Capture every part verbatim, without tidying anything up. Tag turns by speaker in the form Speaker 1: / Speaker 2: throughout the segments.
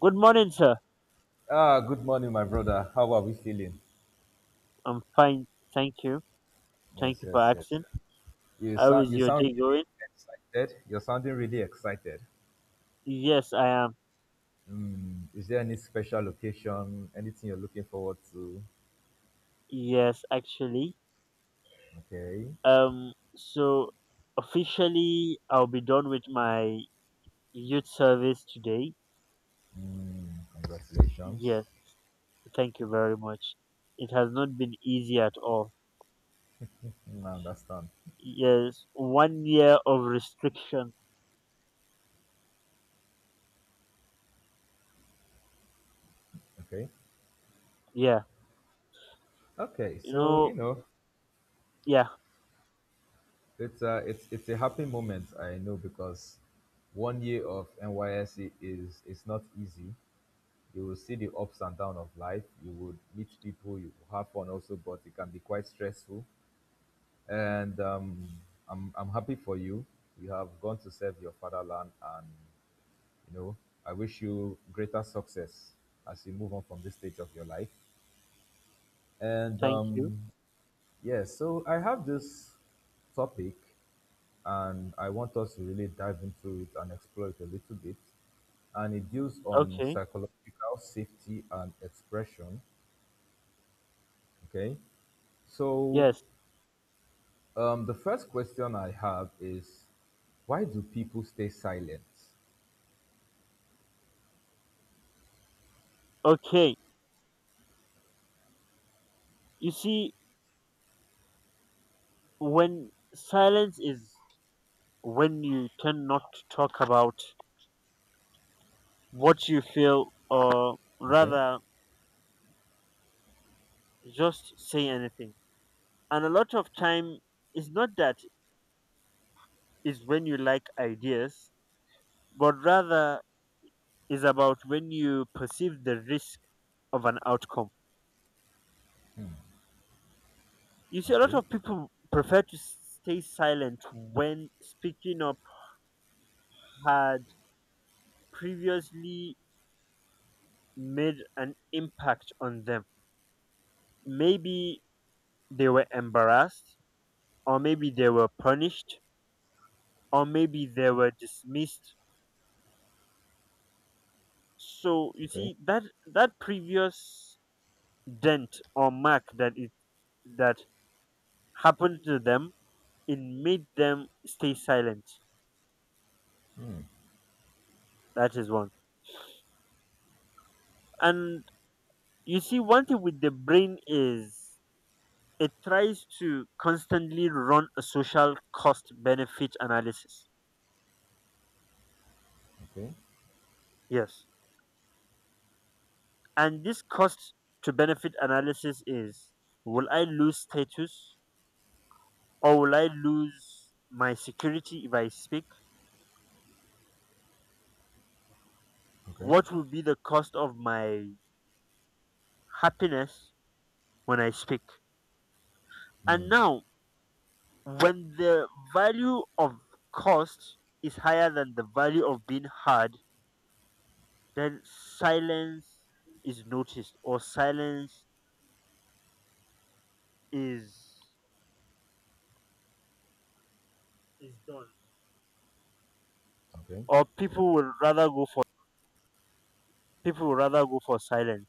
Speaker 1: Good morning, sir.
Speaker 2: Ah, good morning, my brother. How are we feeling?
Speaker 1: I'm fine. Thank you.
Speaker 2: Yes,
Speaker 1: Thank you for
Speaker 2: yes, yes.
Speaker 1: asking.
Speaker 2: You
Speaker 1: How
Speaker 2: sound
Speaker 1: is
Speaker 2: you
Speaker 1: your
Speaker 2: sound
Speaker 1: day going?
Speaker 2: really excited. You're sounding really excited.
Speaker 1: Yes, I am.
Speaker 2: Mm, is there any special location? Anything you're looking forward to?
Speaker 1: Yes, actually.
Speaker 2: Okay.
Speaker 1: Um, so officially, I'll be done with my youth service today.
Speaker 2: Congratulations.
Speaker 1: Yes, thank you very much. It has not been easy at all.
Speaker 2: Mm, I understand.
Speaker 1: Yes, one year of restriction.
Speaker 2: Okay.
Speaker 1: Yeah,
Speaker 2: Okay.
Speaker 1: you
Speaker 2: So
Speaker 1: know,
Speaker 2: you know,
Speaker 1: yeah,
Speaker 2: it's a it's it's a happy moment. I know because one year of N Y S C is is not easy. You will see the ups and downs of life. You would meet people, you will have fun also, but it can be quite stressful. And um, I'm, I'm happy for you. You have gone to serve your fatherland, and you know, I wish you greater success as you move on from this stage of your life. And
Speaker 1: thank you.
Speaker 2: um, yeah, so I have this topic, and I want us to really dive into it and explore it a little bit, and it deals on
Speaker 1: Okay,
Speaker 2: psychological safety and expression. Okay. So,
Speaker 1: yes,
Speaker 2: um, the first question I have is, why do people stay silent?
Speaker 1: okay. You see, when silence is when you tend not to talk about what you feel, or
Speaker 2: Okay,
Speaker 1: rather, just say anything. And a lot of time is not that is when you like ideas, but rather is about when you perceive the risk of an outcome. You see, a lot
Speaker 2: okay,
Speaker 1: of people prefer to stay silent when speaking up had previously made an impact on them. Maybe they were embarrassed, or maybe they were punished, or maybe they were dismissed. So you
Speaker 2: okay,
Speaker 1: see that that previous dent or mark that it that happened to them, it made them stay silent. That is one. And you see, one thing with the brain is it tries to constantly run a social cost benefit analysis.
Speaker 2: okay,
Speaker 1: Yes. And this cost to benefit analysis is, will I lose status or will I lose my security if I speak?
Speaker 2: okay,
Speaker 1: What would be the cost of my happiness when I speak? And now, when the value of cost is higher than the value of being heard, then silence is noticed, or silence is is done.
Speaker 2: okay,
Speaker 1: Or people would rather go for people would rather go for silence.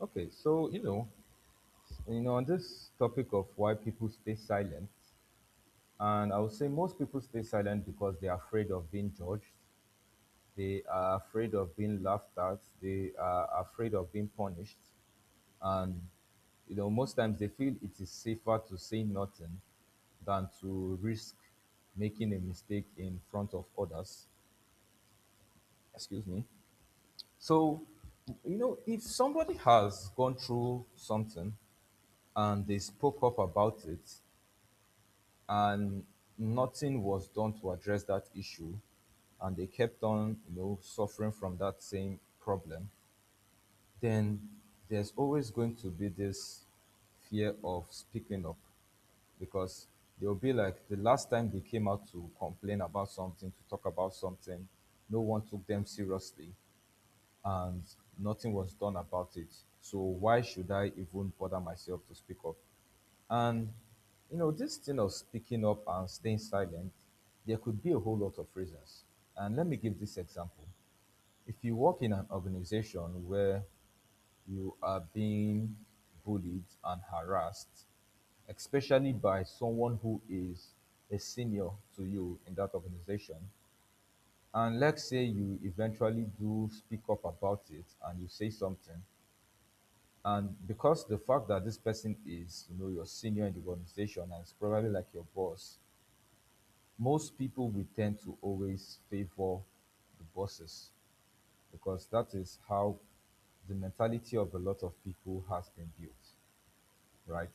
Speaker 2: okay. So, you know, you know, on this topic of why people stay silent, and I would say most people stay silent because they are afraid of being judged, they are afraid of being laughed at, they are afraid of being punished, and you know, most times they feel it is safer to say nothing than to risk making a mistake in front of others. Excuse me. So, you know, if somebody has gone through something and they spoke up about it, and nothing was done to address that issue, and they kept on, you know, suffering from that same problem, then there's always going to be this fear of speaking up, because they'll be like, the last time they came out to complain about something, to talk about something, no one took them seriously and nothing was done about it. So why should I even bother myself to speak up? And you know, this thing of speaking up and staying silent, there could be a whole lot of reasons. And let me give this example. If you work in an organization where you are being bullied and harassed, especially by someone who is a senior to you in that organization, and let's say you eventually do speak up about it and you say something, and because the fact that this person is, you know, your senior in the organization and it's probably like your boss, most people will tend to always favor the bosses, because that is how the mentality of a lot of people has been built, right?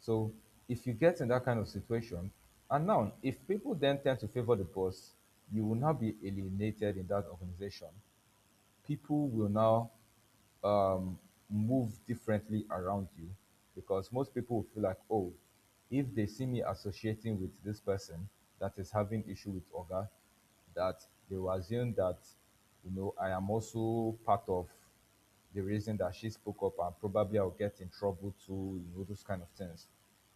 Speaker 2: So if you get in that kind of situation, and now if people then tend to favor the boss, you will now be alienated in that organization. People will now um, move differently around you, because most people will feel like, oh, if they see me associating with this person that is having issue with Oga, that they will assume that, you know, I am also part of the reason that she spoke up, and probably I'll get in trouble too, you know, those kind of things.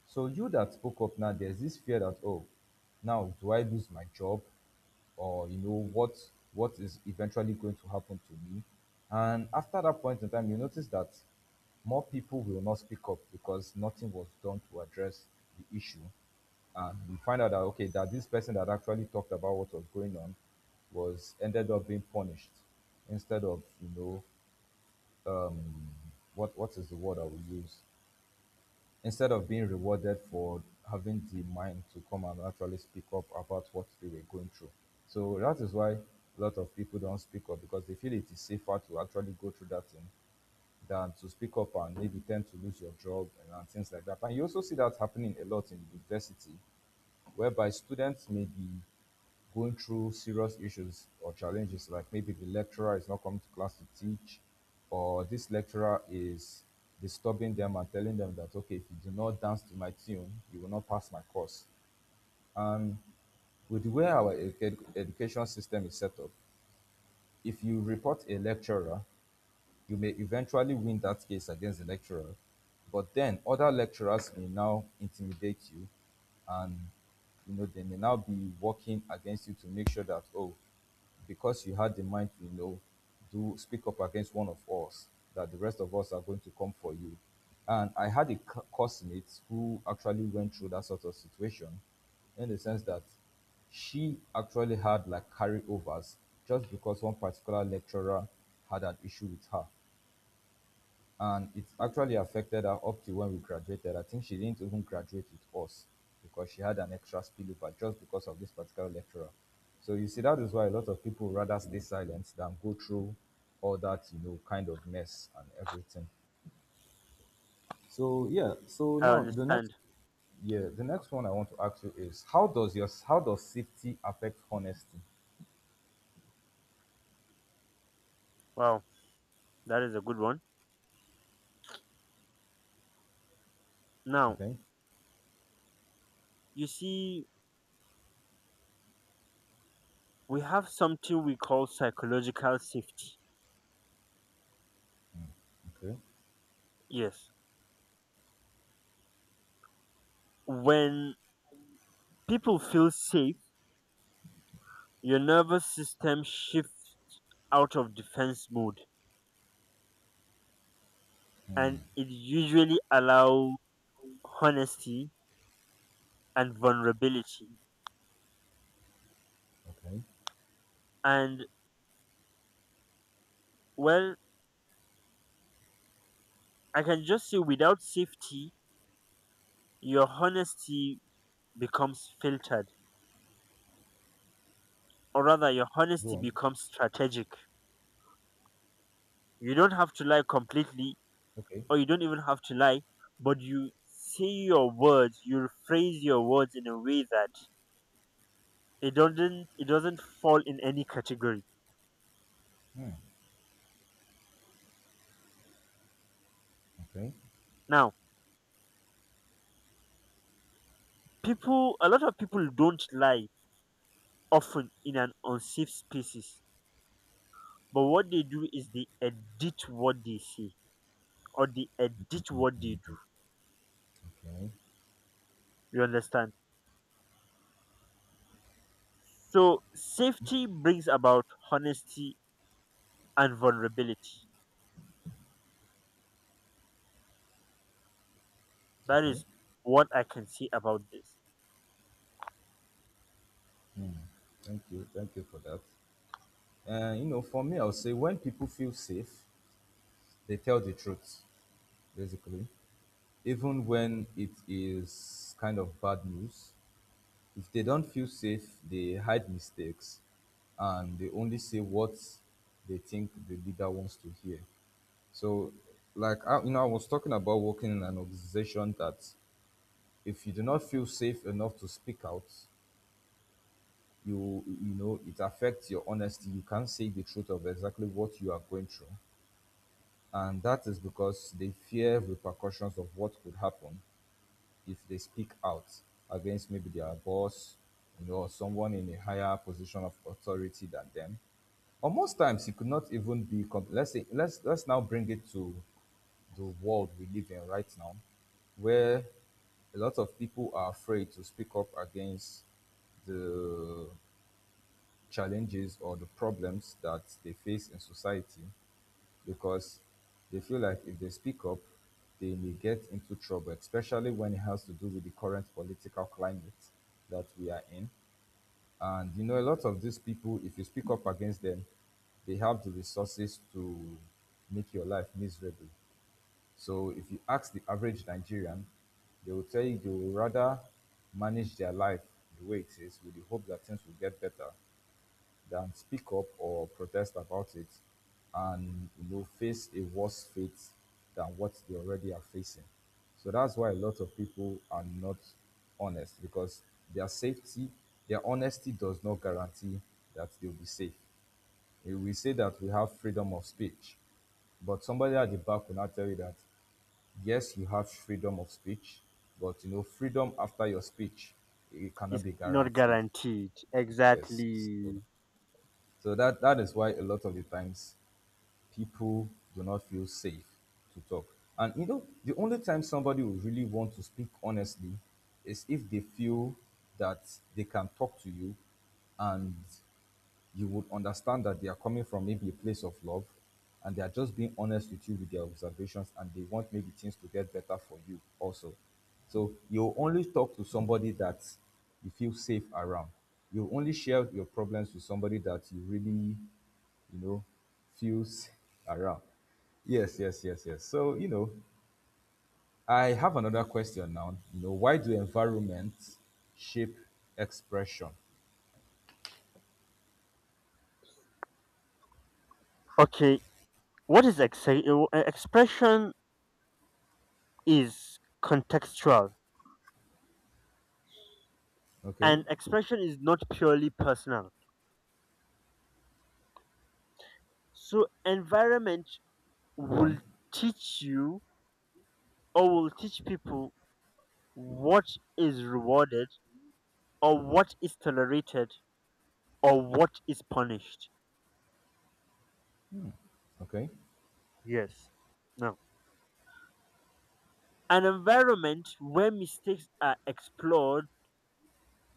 Speaker 2: So you that spoke up now, there's this fear that, oh, now do I lose my job? Or you know, what what is eventually going to happen to me? And after that point in time, you notice that more people will not speak up because nothing was done to address the issue. And we find out that okay, that this person that actually talked about what was going on was ended up being punished, instead of, you know, what what is the word I will use, instead of being rewarded for having the mind to come and actually speak up about what they were going through. So that is why a lot of people don't speak up, because they feel it is safer to actually go through that thing than to speak up and maybe tend to lose your job, and, and things like that. And you also see that happening a lot in university, whereby students may be going through serious issues or challenges, like maybe the lecturer is not coming to class to teach, or this lecturer is disturbing them and telling them that, okay, if you do not dance to my tune, you will not pass my course. With the way our edu- education system is set up, if you report a lecturer, you may eventually win that case against the lecturer, but then other lecturers may now intimidate you, and you know, they may now be working against you to make sure that, oh, because you had the mind to, you know, do speak up against one of us, that the rest of us are going to come for you. And I had a cu- who actually went through that sort of situation, in the sense that she actually had like carryovers just because one particular lecturer had an issue with her, and it actually affected her up to when we graduated. I think she didn't even graduate with us because she had an extra spillover just because of this particular lecturer. So you see, that is why a lot of people rather stay silent than go through all that, you know, kind of mess and everything. So yeah, so
Speaker 1: I
Speaker 2: now the next,
Speaker 1: understand.
Speaker 2: yeah, the next one I want to ask you is, how does your how does safety affect honesty?
Speaker 1: Wow, that is a good one. Now,
Speaker 2: Okay,
Speaker 1: you see, we have something we call psychological safety.
Speaker 2: okay,
Speaker 1: Yes. When people feel safe, your nervous system shifts out of defense mode, and it usually allows honesty and vulnerability.
Speaker 2: okay.
Speaker 1: And well, I can just say without safety, your honesty becomes filtered, or rather, your
Speaker 2: Go
Speaker 1: honesty
Speaker 2: on.
Speaker 1: becomes strategic. You don't have to lie completely,
Speaker 2: Okay.
Speaker 1: or you don't even have to lie, but you say your words, you rephrase your words in a way that it doesn't it doesn't fall in any category.
Speaker 2: Hmm. Okay.
Speaker 1: Now, people a lot of people don't lie often in an unsafe spaces, but what they do is they edit what they say or they edit what they do.
Speaker 2: Okay.
Speaker 1: You understand? So safety brings about honesty and vulnerability. That
Speaker 2: Okay.
Speaker 1: is what I can say about this.
Speaker 2: Thank you. Thank you for that. Uh, you know, for me, I'll say when people feel safe, they tell the truth, basically, even when it is kind of bad news. If they don't feel safe, they hide mistakes and they only say what they think the leader wants to hear. So, like, I, you know, I was talking about working in an organization that if you do not feel safe enough to speak out, you you know, it affects your honesty. You can't say the truth of exactly what you are going through. And that is because they fear repercussions of what could happen if they speak out against maybe their boss, you know, or someone in a higher position of authority than them. Or most times it could not even be comp- let's say, let's let's now bring it to the world we live in right now, where a lot of people are afraid to speak up against the challenges or the problems that they face in society, because they feel like if they speak up, they may get into trouble, especially when it has to do with the current political climate that we are in. And you know, a lot of these people, if you speak up against them, they have the resources to make your life miserable. So if you ask the average Nigerian, they will tell you they will rather manage their life the way it is with the hope that things will get better, than speak up or protest about it and, you know, face a worse fate than what they already are facing. So that's why a lot of people are not honest, because their safety, their honesty does not guarantee that they'll be safe. Eh, we say that we have freedom of speech, but somebody at the back will not tell you that yes, you have freedom of speech, but you know, freedom after your speech, it cannot
Speaker 1: It's
Speaker 2: be
Speaker 1: not
Speaker 2: guaranteed.
Speaker 1: guaranteed.
Speaker 2: Yes, so
Speaker 1: Exactly.
Speaker 2: so that, that is why a lot of the times people do not feel safe to talk. And you know, the only time somebody will really want to speak honestly is if they feel that they can talk to you, and you would understand that they are coming from maybe a place of love, and they are just being honest with you with their observations, and they want maybe things to get better for you also. So you only talk to somebody that you feel safe around. You only share your problems with somebody that you really, you know, feels around. Yes, yes, yes, yes. So, you know, I have another question now. You know, why do environment shape expression?
Speaker 1: Okay, what is ex- expression is contextual,
Speaker 2: Okay.
Speaker 1: and expression is not purely personal. So environment
Speaker 2: Go
Speaker 1: will
Speaker 2: on.
Speaker 1: teach you, or will teach people, what is rewarded or what is tolerated or what is punished.
Speaker 2: Okay.
Speaker 1: Yes. Now, an environment where mistakes are explored,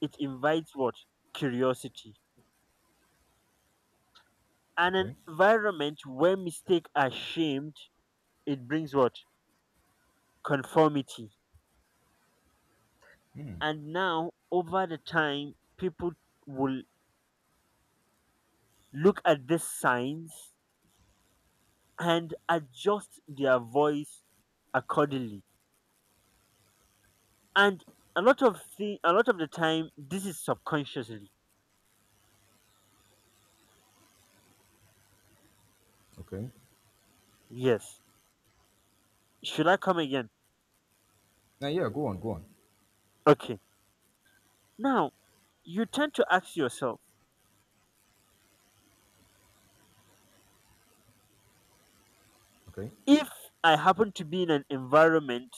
Speaker 1: it invites what? Curiosity. And an
Speaker 2: Okay.
Speaker 1: environment where mistakes are shamed, it brings what? Conformity. And now, over the time, people will look at these signs and adjust their voice accordingly. And a lot of thing, a lot of the time, this is subconsciously.
Speaker 2: Okay.
Speaker 1: Yes. Should I come again?
Speaker 2: Now, yeah, go on, go on.
Speaker 1: Okay. Now you tend to ask yourself,
Speaker 2: Okay,
Speaker 1: if I happen to be in an environment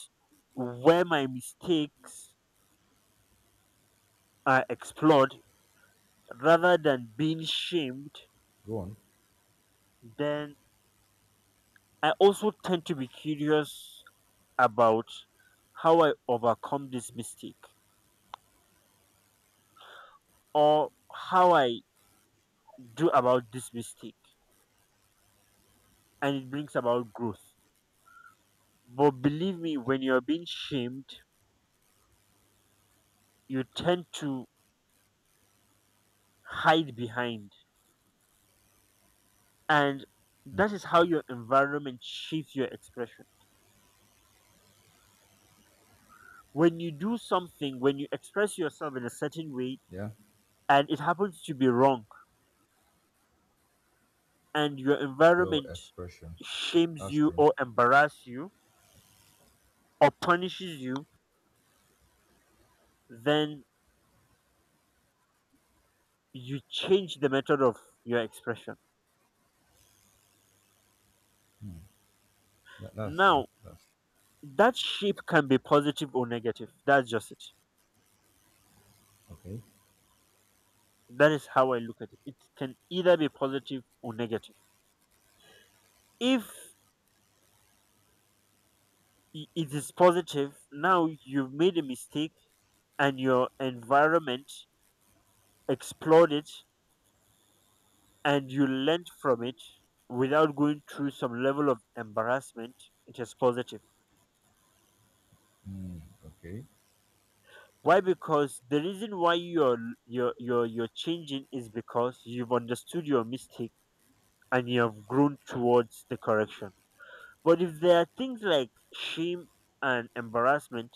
Speaker 1: where my mistakes are explored rather than being shamed,
Speaker 2: go on.
Speaker 1: then I also tend to be curious about how I overcome this mistake or how I do about this mistake, and it brings about growth. But believe me, when you're being shamed, you tend to hide behind. And that is how your environment shapes your expression. When you do something, when you express yourself in a certain way
Speaker 2: Yeah,
Speaker 1: and it happens to be wrong, and your
Speaker 2: your
Speaker 1: environment
Speaker 2: expression.
Speaker 1: shames
Speaker 2: That's
Speaker 1: you
Speaker 2: true.
Speaker 1: or embarrasses you or punishes you, then you change the method of your expression.
Speaker 2: That, that's true.
Speaker 1: Now,
Speaker 2: That's true.
Speaker 1: that shape can be positive or negative. That's just it.
Speaker 2: Okay.
Speaker 1: That is how I look at it. It can either be positive or negative. If i- it is positive, now you've made a mistake and your environment explored it and you learned from it without going through some level of embarrassment, it is positive.
Speaker 2: Okay.
Speaker 1: Why? Because the reason why you're you're you're, you're changing is because you've understood your mistake and you have grown towards the correction. But if there are things like shame and embarrassment,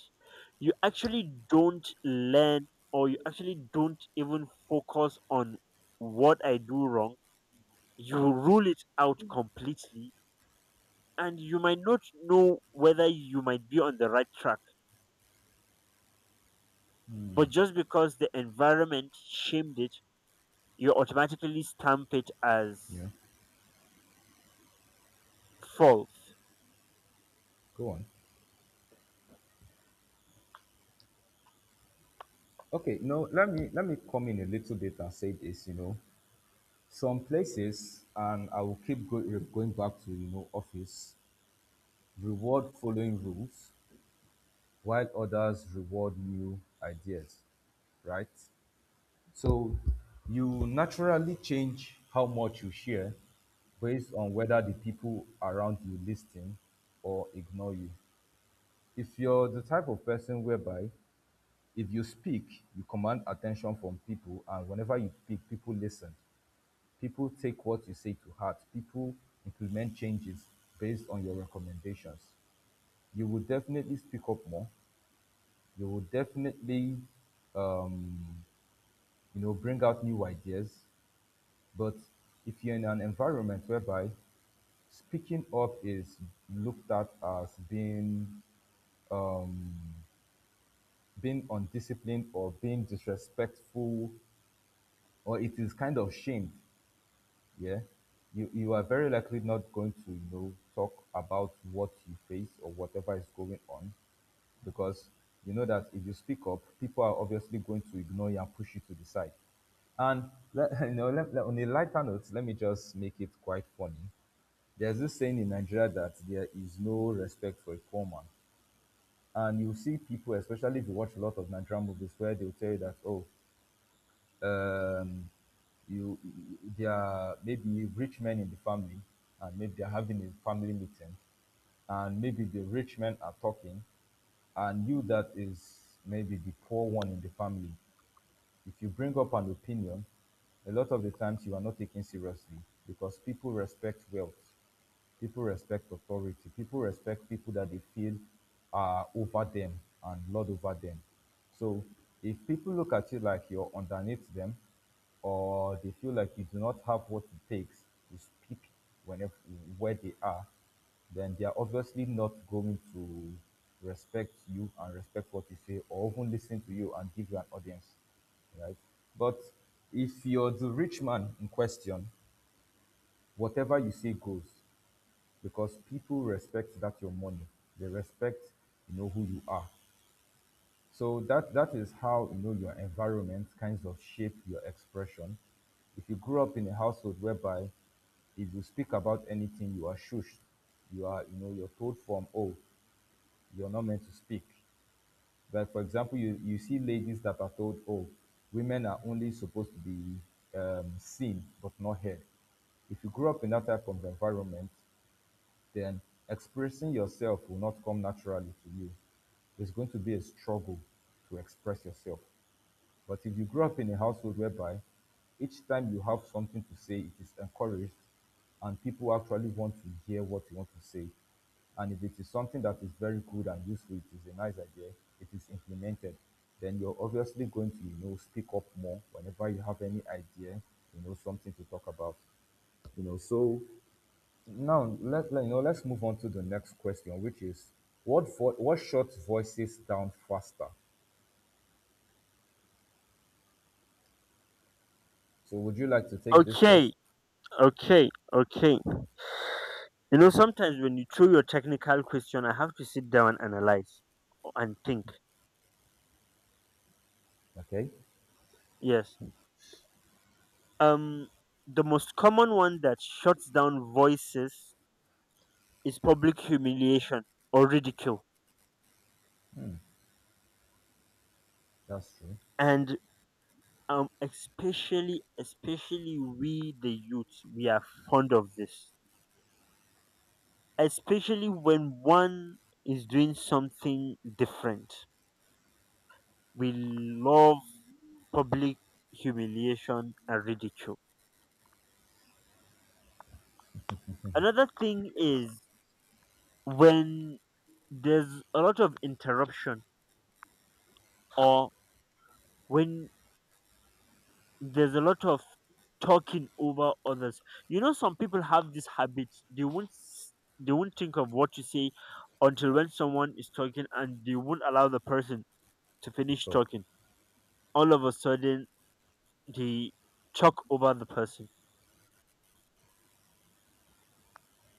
Speaker 1: you actually don't learn, or you actually don't even focus on what I do wrong. You rule it out completely, and you might not know whether you might be on the right track. But just because the environment shamed it, you automatically stamp it as
Speaker 2: Yeah.
Speaker 1: false.
Speaker 2: Go on. Okay. Now, let me let me come in a little bit and say this. You know, some places, and I will keep go, uh, going back to, you know, office reward following rules, while others reward new ideas. Right. So you naturally change how much you share based on whether the people around you listen or ignore you. If you're the type of person whereby if you speak, you command attention from people, and whenever you speak, people listen. People take what you say to heart. People implement changes based on your recommendations. You will definitely speak up more. You will definitely um, you know, bring out new ideas. But if you're in an environment whereby speaking up is looked at as being being undisciplined or being disrespectful, or it is kind of shamed, yeah, you, you are very likely not going to you know talk about what you face or whatever is going on, because you know that if you speak up, people are obviously going to ignore you and push you to the side. And let, you know, let, let- on a lighter note, let me just make it quite funny. There's this saying in Nigeria that there is no respect for a poor man. And you see people, especially if you watch a lot of Nigerian movies, where they'll tell you that, oh, um, you, there are maybe rich men in the family, and maybe they're having a family meeting, and maybe the rich men are talking, and you that is maybe the poor one in the family, if you bring up an opinion, a lot of the times you are not taken seriously because people respect wealth, people respect authority, people respect people that they feel are over them and lord over them. So if people look at you like you're underneath them, or they feel like you do not have what it takes to speak whenever where they are, then they are obviously not going to respect you and respect what you say, or even listen to you and give you an audience, right? But if you're the rich man in question, whatever you say goes because people respect that your money. They respect, you know, who you are. So that that is how, you know, your environment kinds of shape your expression. If you grew up in a household whereby if you speak about anything, you are shushed. You are, you know, you're told from, oh, you're not meant to speak. Like for example, you you see ladies that are told, "Oh, women are only supposed to be um, seen but not heard." If you grow up in that type of environment, then expressing yourself will not come naturally to you. It's going to be a struggle to express yourself. But if you grow up in a household whereby each time you have something to say, it is encouraged, and people actually want to hear what you want to say. And if it is something that is very good and useful, it is a nice idea, it is implemented, then you're obviously going to, you know, speak up more whenever you have any idea, you know, something to talk about. You know, so now let, let you know, let's move on to the next question, which is what vo- what short voices down faster? So would you like to take this
Speaker 1: Okay,
Speaker 2: first?
Speaker 1: okay, okay. You know, sometimes when you throw your technical question, I have to sit down and analyze and think.
Speaker 2: Okay.
Speaker 1: Yes. Um, the most common one that shuts down voices is public humiliation or ridicule,
Speaker 2: That's true.
Speaker 1: and um, especially especially we the youth, we are fond of this. Especially when one is doing something different, we love public humiliation and ridicule. Another thing is when there's a lot of interruption, or when there's a lot of talking over others. You know, some people have this habit. they won't s- they won't think of what to say until when someone is talking, and they won't allow the person to
Speaker 2: It's
Speaker 1: finish
Speaker 2: ok,
Speaker 1: talking. All of a sudden, they talk over the person,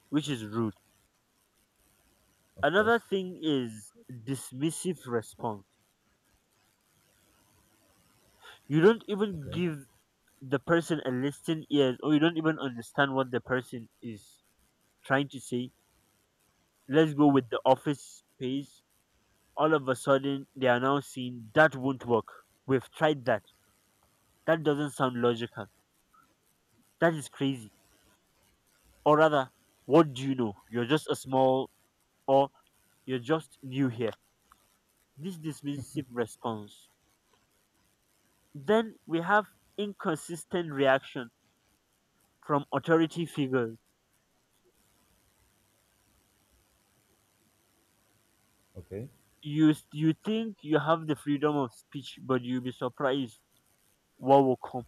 Speaker 1: which is rude.
Speaker 2: of
Speaker 1: Another
Speaker 2: course.
Speaker 1: thing is dismissive response. You don't even
Speaker 2: Okay.
Speaker 1: give the person a listening ears, or you don't even understand what the person is trying to say. Let's go with the office space. All of a sudden, they are now seeing that won't work. We've tried that. That doesn't sound logical. That is crazy. Or rather, what do you know? You're just a small, or you're just new here. This dismissive response. Then we have inconsistent reaction from authority figures.
Speaker 2: Okay.
Speaker 1: You you think you have the freedom of speech, but you'll be surprised what will come.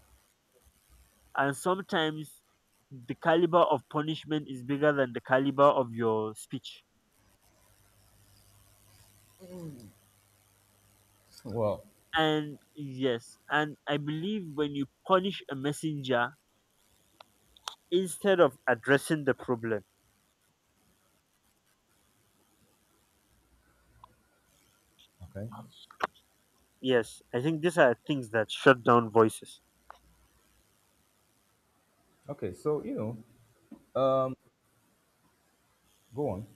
Speaker 1: And sometimes the caliber of punishment is bigger than the caliber of your speech.
Speaker 2: Well.
Speaker 1: And yes, and I believe when you punish a messenger instead of addressing the problem,
Speaker 2: Okay.
Speaker 1: yes, I think these are things that shut down voices.
Speaker 2: Okay. So you know, go on.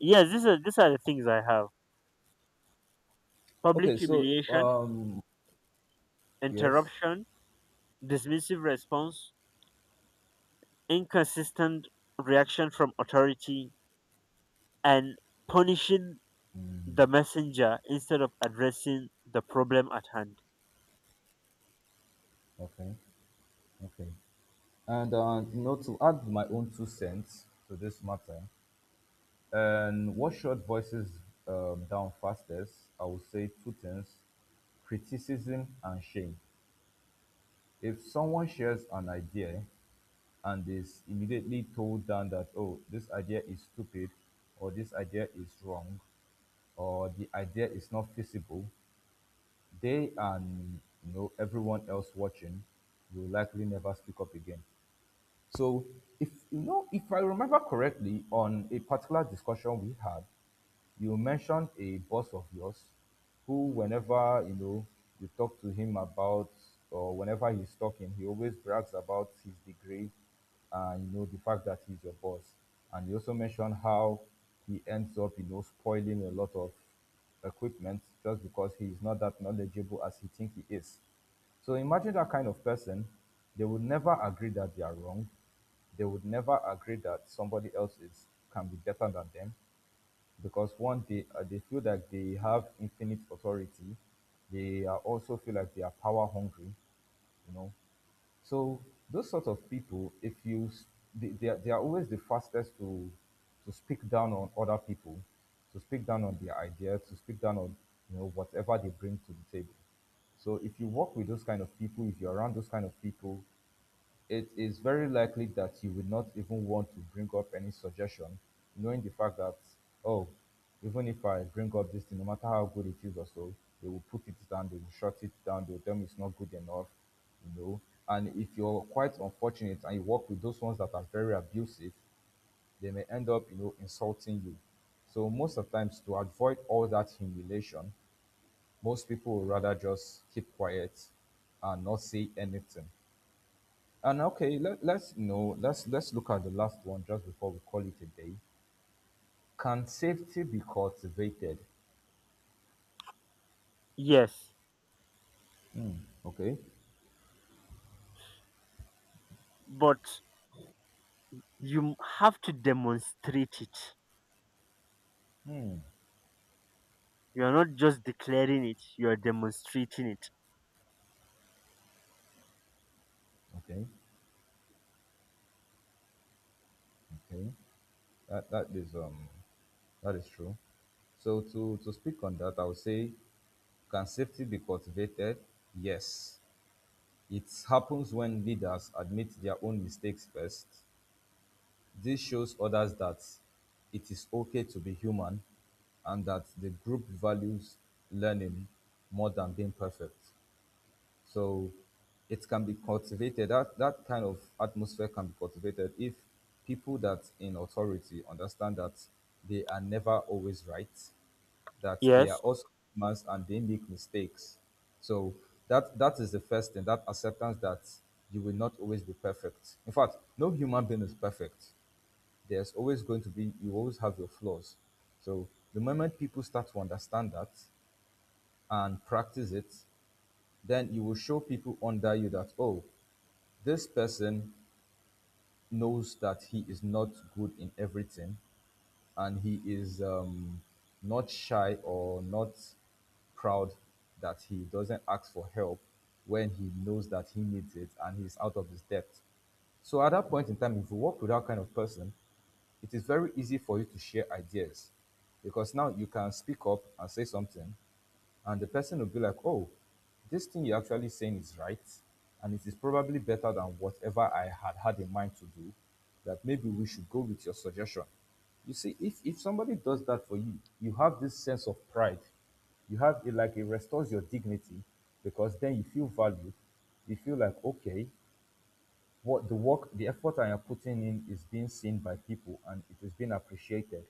Speaker 1: Yes, these are these are the things I have: public
Speaker 2: Okay. So
Speaker 1: humiliation,
Speaker 2: um, yes.
Speaker 1: interruption, dismissive response, inconsistent reaction from authority, and punishing the messenger instead of addressing the problem at hand.
Speaker 2: Okay. Okay. And uh, you know, to add my own two cents to this matter, and what short voices um, down fastest, I would say two things: criticism and shame. If someone shares an idea and is immediately told down that, oh, this idea is stupid, or this idea is wrong, or the idea is not feasible, they, and you know, everyone else watching will likely never speak up again. So if you know, if I remember correctly, on a particular discussion we had, you mentioned a boss of yours who, whenever you know you talk to him about, or whenever he's talking, he always brags about his degree and you know the fact that he's your boss. And you also mentioned how he ends up, you know, spoiling a lot of equipment just because he is not that knowledgeable as he thinks he is. So imagine that kind of person. They would never agree that they are wrong. They would never agree that somebody else is can be better than them because one, they uh, they feel that they have infinite authority, they are also feel like they are power hungry, you know. So those sort of people, if you s- they, they, are, they are always the fastest to to speak down on other people, to speak down on their ideas, to speak down on, you know, whatever they bring to the table. So if you work with those kind of people, if you're around those kind of people, it is very likely that you would not even want to bring up any suggestion, knowing the fact that, oh, even if I bring up this thing, no matter how good it is or so, they will put it down, they will shut it down, they will tell me it's not good enough, you know. And if you're quite unfortunate and you work with those ones that are very abusive, they may end up, you know, insulting you. So most of the times to avoid all that humiliation, most people would rather just keep quiet and not say anything. And okay, let, let's know. Let's let's look at the last one just before we call it a day. Can safety be cultivated?
Speaker 1: Yes,
Speaker 2: Okay,
Speaker 1: but you have to demonstrate it. You're not just declaring it, you're demonstrating it.
Speaker 2: okay, okay. That that is um that is true. So to to speak on that, I would say, can safety be cultivated? Yes. It happens when leaders admit their own mistakes first. This shows others that it is okay to be human and that the group values learning more than being perfect. So it can be cultivated. That that kind of atmosphere can be cultivated if people that in authority understand that they are never always right, that they are
Speaker 1: Yes.
Speaker 2: also humans and they make mistakes. So that that is the first thing, that acceptance that you will not always be perfect. In fact, no human being is perfect. There's always going to be, you always have your flaws. So the moment people start to understand that and practice it, then you will show people under you that, oh, this person knows that he is not good in everything and he is um, not shy or not proud, that he doesn't ask for help when he knows that he needs it and he's out of his depth. So at that point in time, if you work with that kind of person, it is very easy for you to share ideas, because now you can speak up and say something, and the person will be like, oh, this thing you're actually saying is right, and it is probably better than whatever I had had in mind to do, that maybe we should go with your suggestion. You see, if, if somebody does that for you, you have this sense of pride. You have it like it restores your dignity because then you feel valued. You feel like, okay, what the work, the effort I am putting in is being seen by people and it is being appreciated.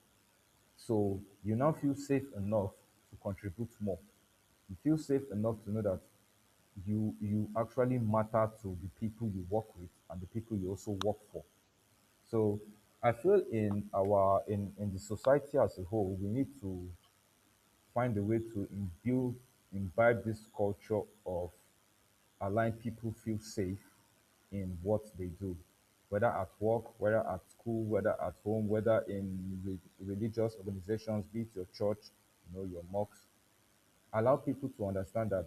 Speaker 2: So you now feel safe enough to contribute more. You feel safe enough to know that you you actually matter to the people you work with and the people you also work for. So I feel in our in, in the society as a whole, we need to find a way to imbibe imbibe this culture of allowing people feel safe in what they do, whether at work, whether at school, whether at home, whether in re- religious organizations, be it your church, you know, your mosques. Allow people to understand that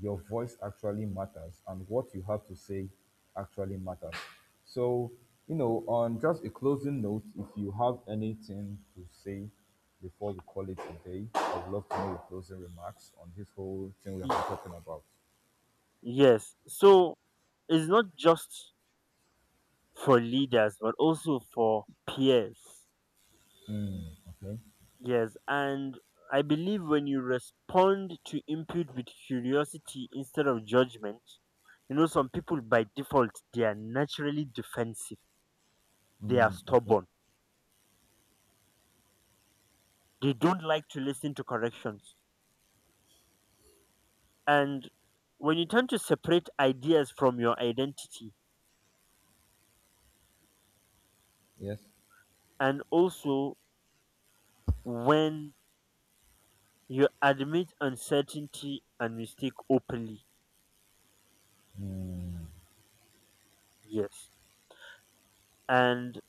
Speaker 2: your voice actually matters and what you have to say actually matters. So, you know, on just a closing note, if you have anything to say before we call it a day, I would love to know your closing remarks on this whole thing we have been
Speaker 1: y-
Speaker 2: talking about.
Speaker 1: Yes. So it's not just for leaders, but also for peers.
Speaker 2: Okay.
Speaker 1: Yes. And I believe when you respond to input with curiosity instead of judgment, you know, some people by default, they are naturally defensive. They are
Speaker 2: Mm.
Speaker 1: stubborn. They don't like to listen to corrections. And when you tend to separate ideas from your identity,
Speaker 2: Yes.
Speaker 1: and also when you admit uncertainty and mistake openly.
Speaker 2: Hmm.
Speaker 1: Yes. And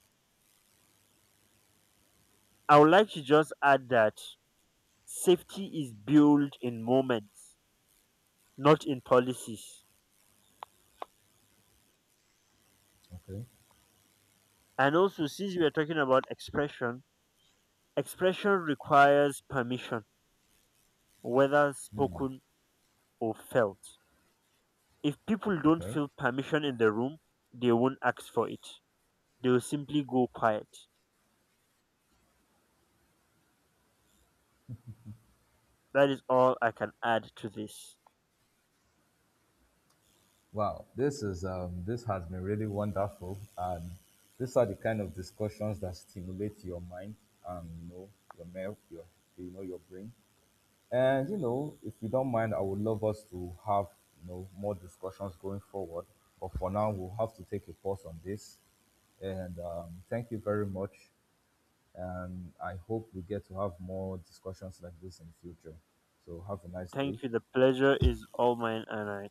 Speaker 1: I would like to just add that safety is built in moments, not in policies.
Speaker 2: Okay.
Speaker 1: And also, since we are talking about expression, expression requires permission, whether
Speaker 2: Hmm.
Speaker 1: spoken or felt. If people don't
Speaker 2: Okay.
Speaker 1: feel permission in the room, they won't ask for it. They will simply go quiet. That is all I can add to this.
Speaker 2: Wow. This is um. This has been really wonderful, and these are the kind of discussions that stimulate your mind and you know your mel- your, you know, your brain. And you know, if you don't mind, I would love us to have, you know, more discussions going forward. But for now, we'll have to take a pause on this. And um, thank you very much. And I hope we get to have more discussions like this in the future. So have a nice day.
Speaker 1: Thank you. The pleasure is all mine, and I.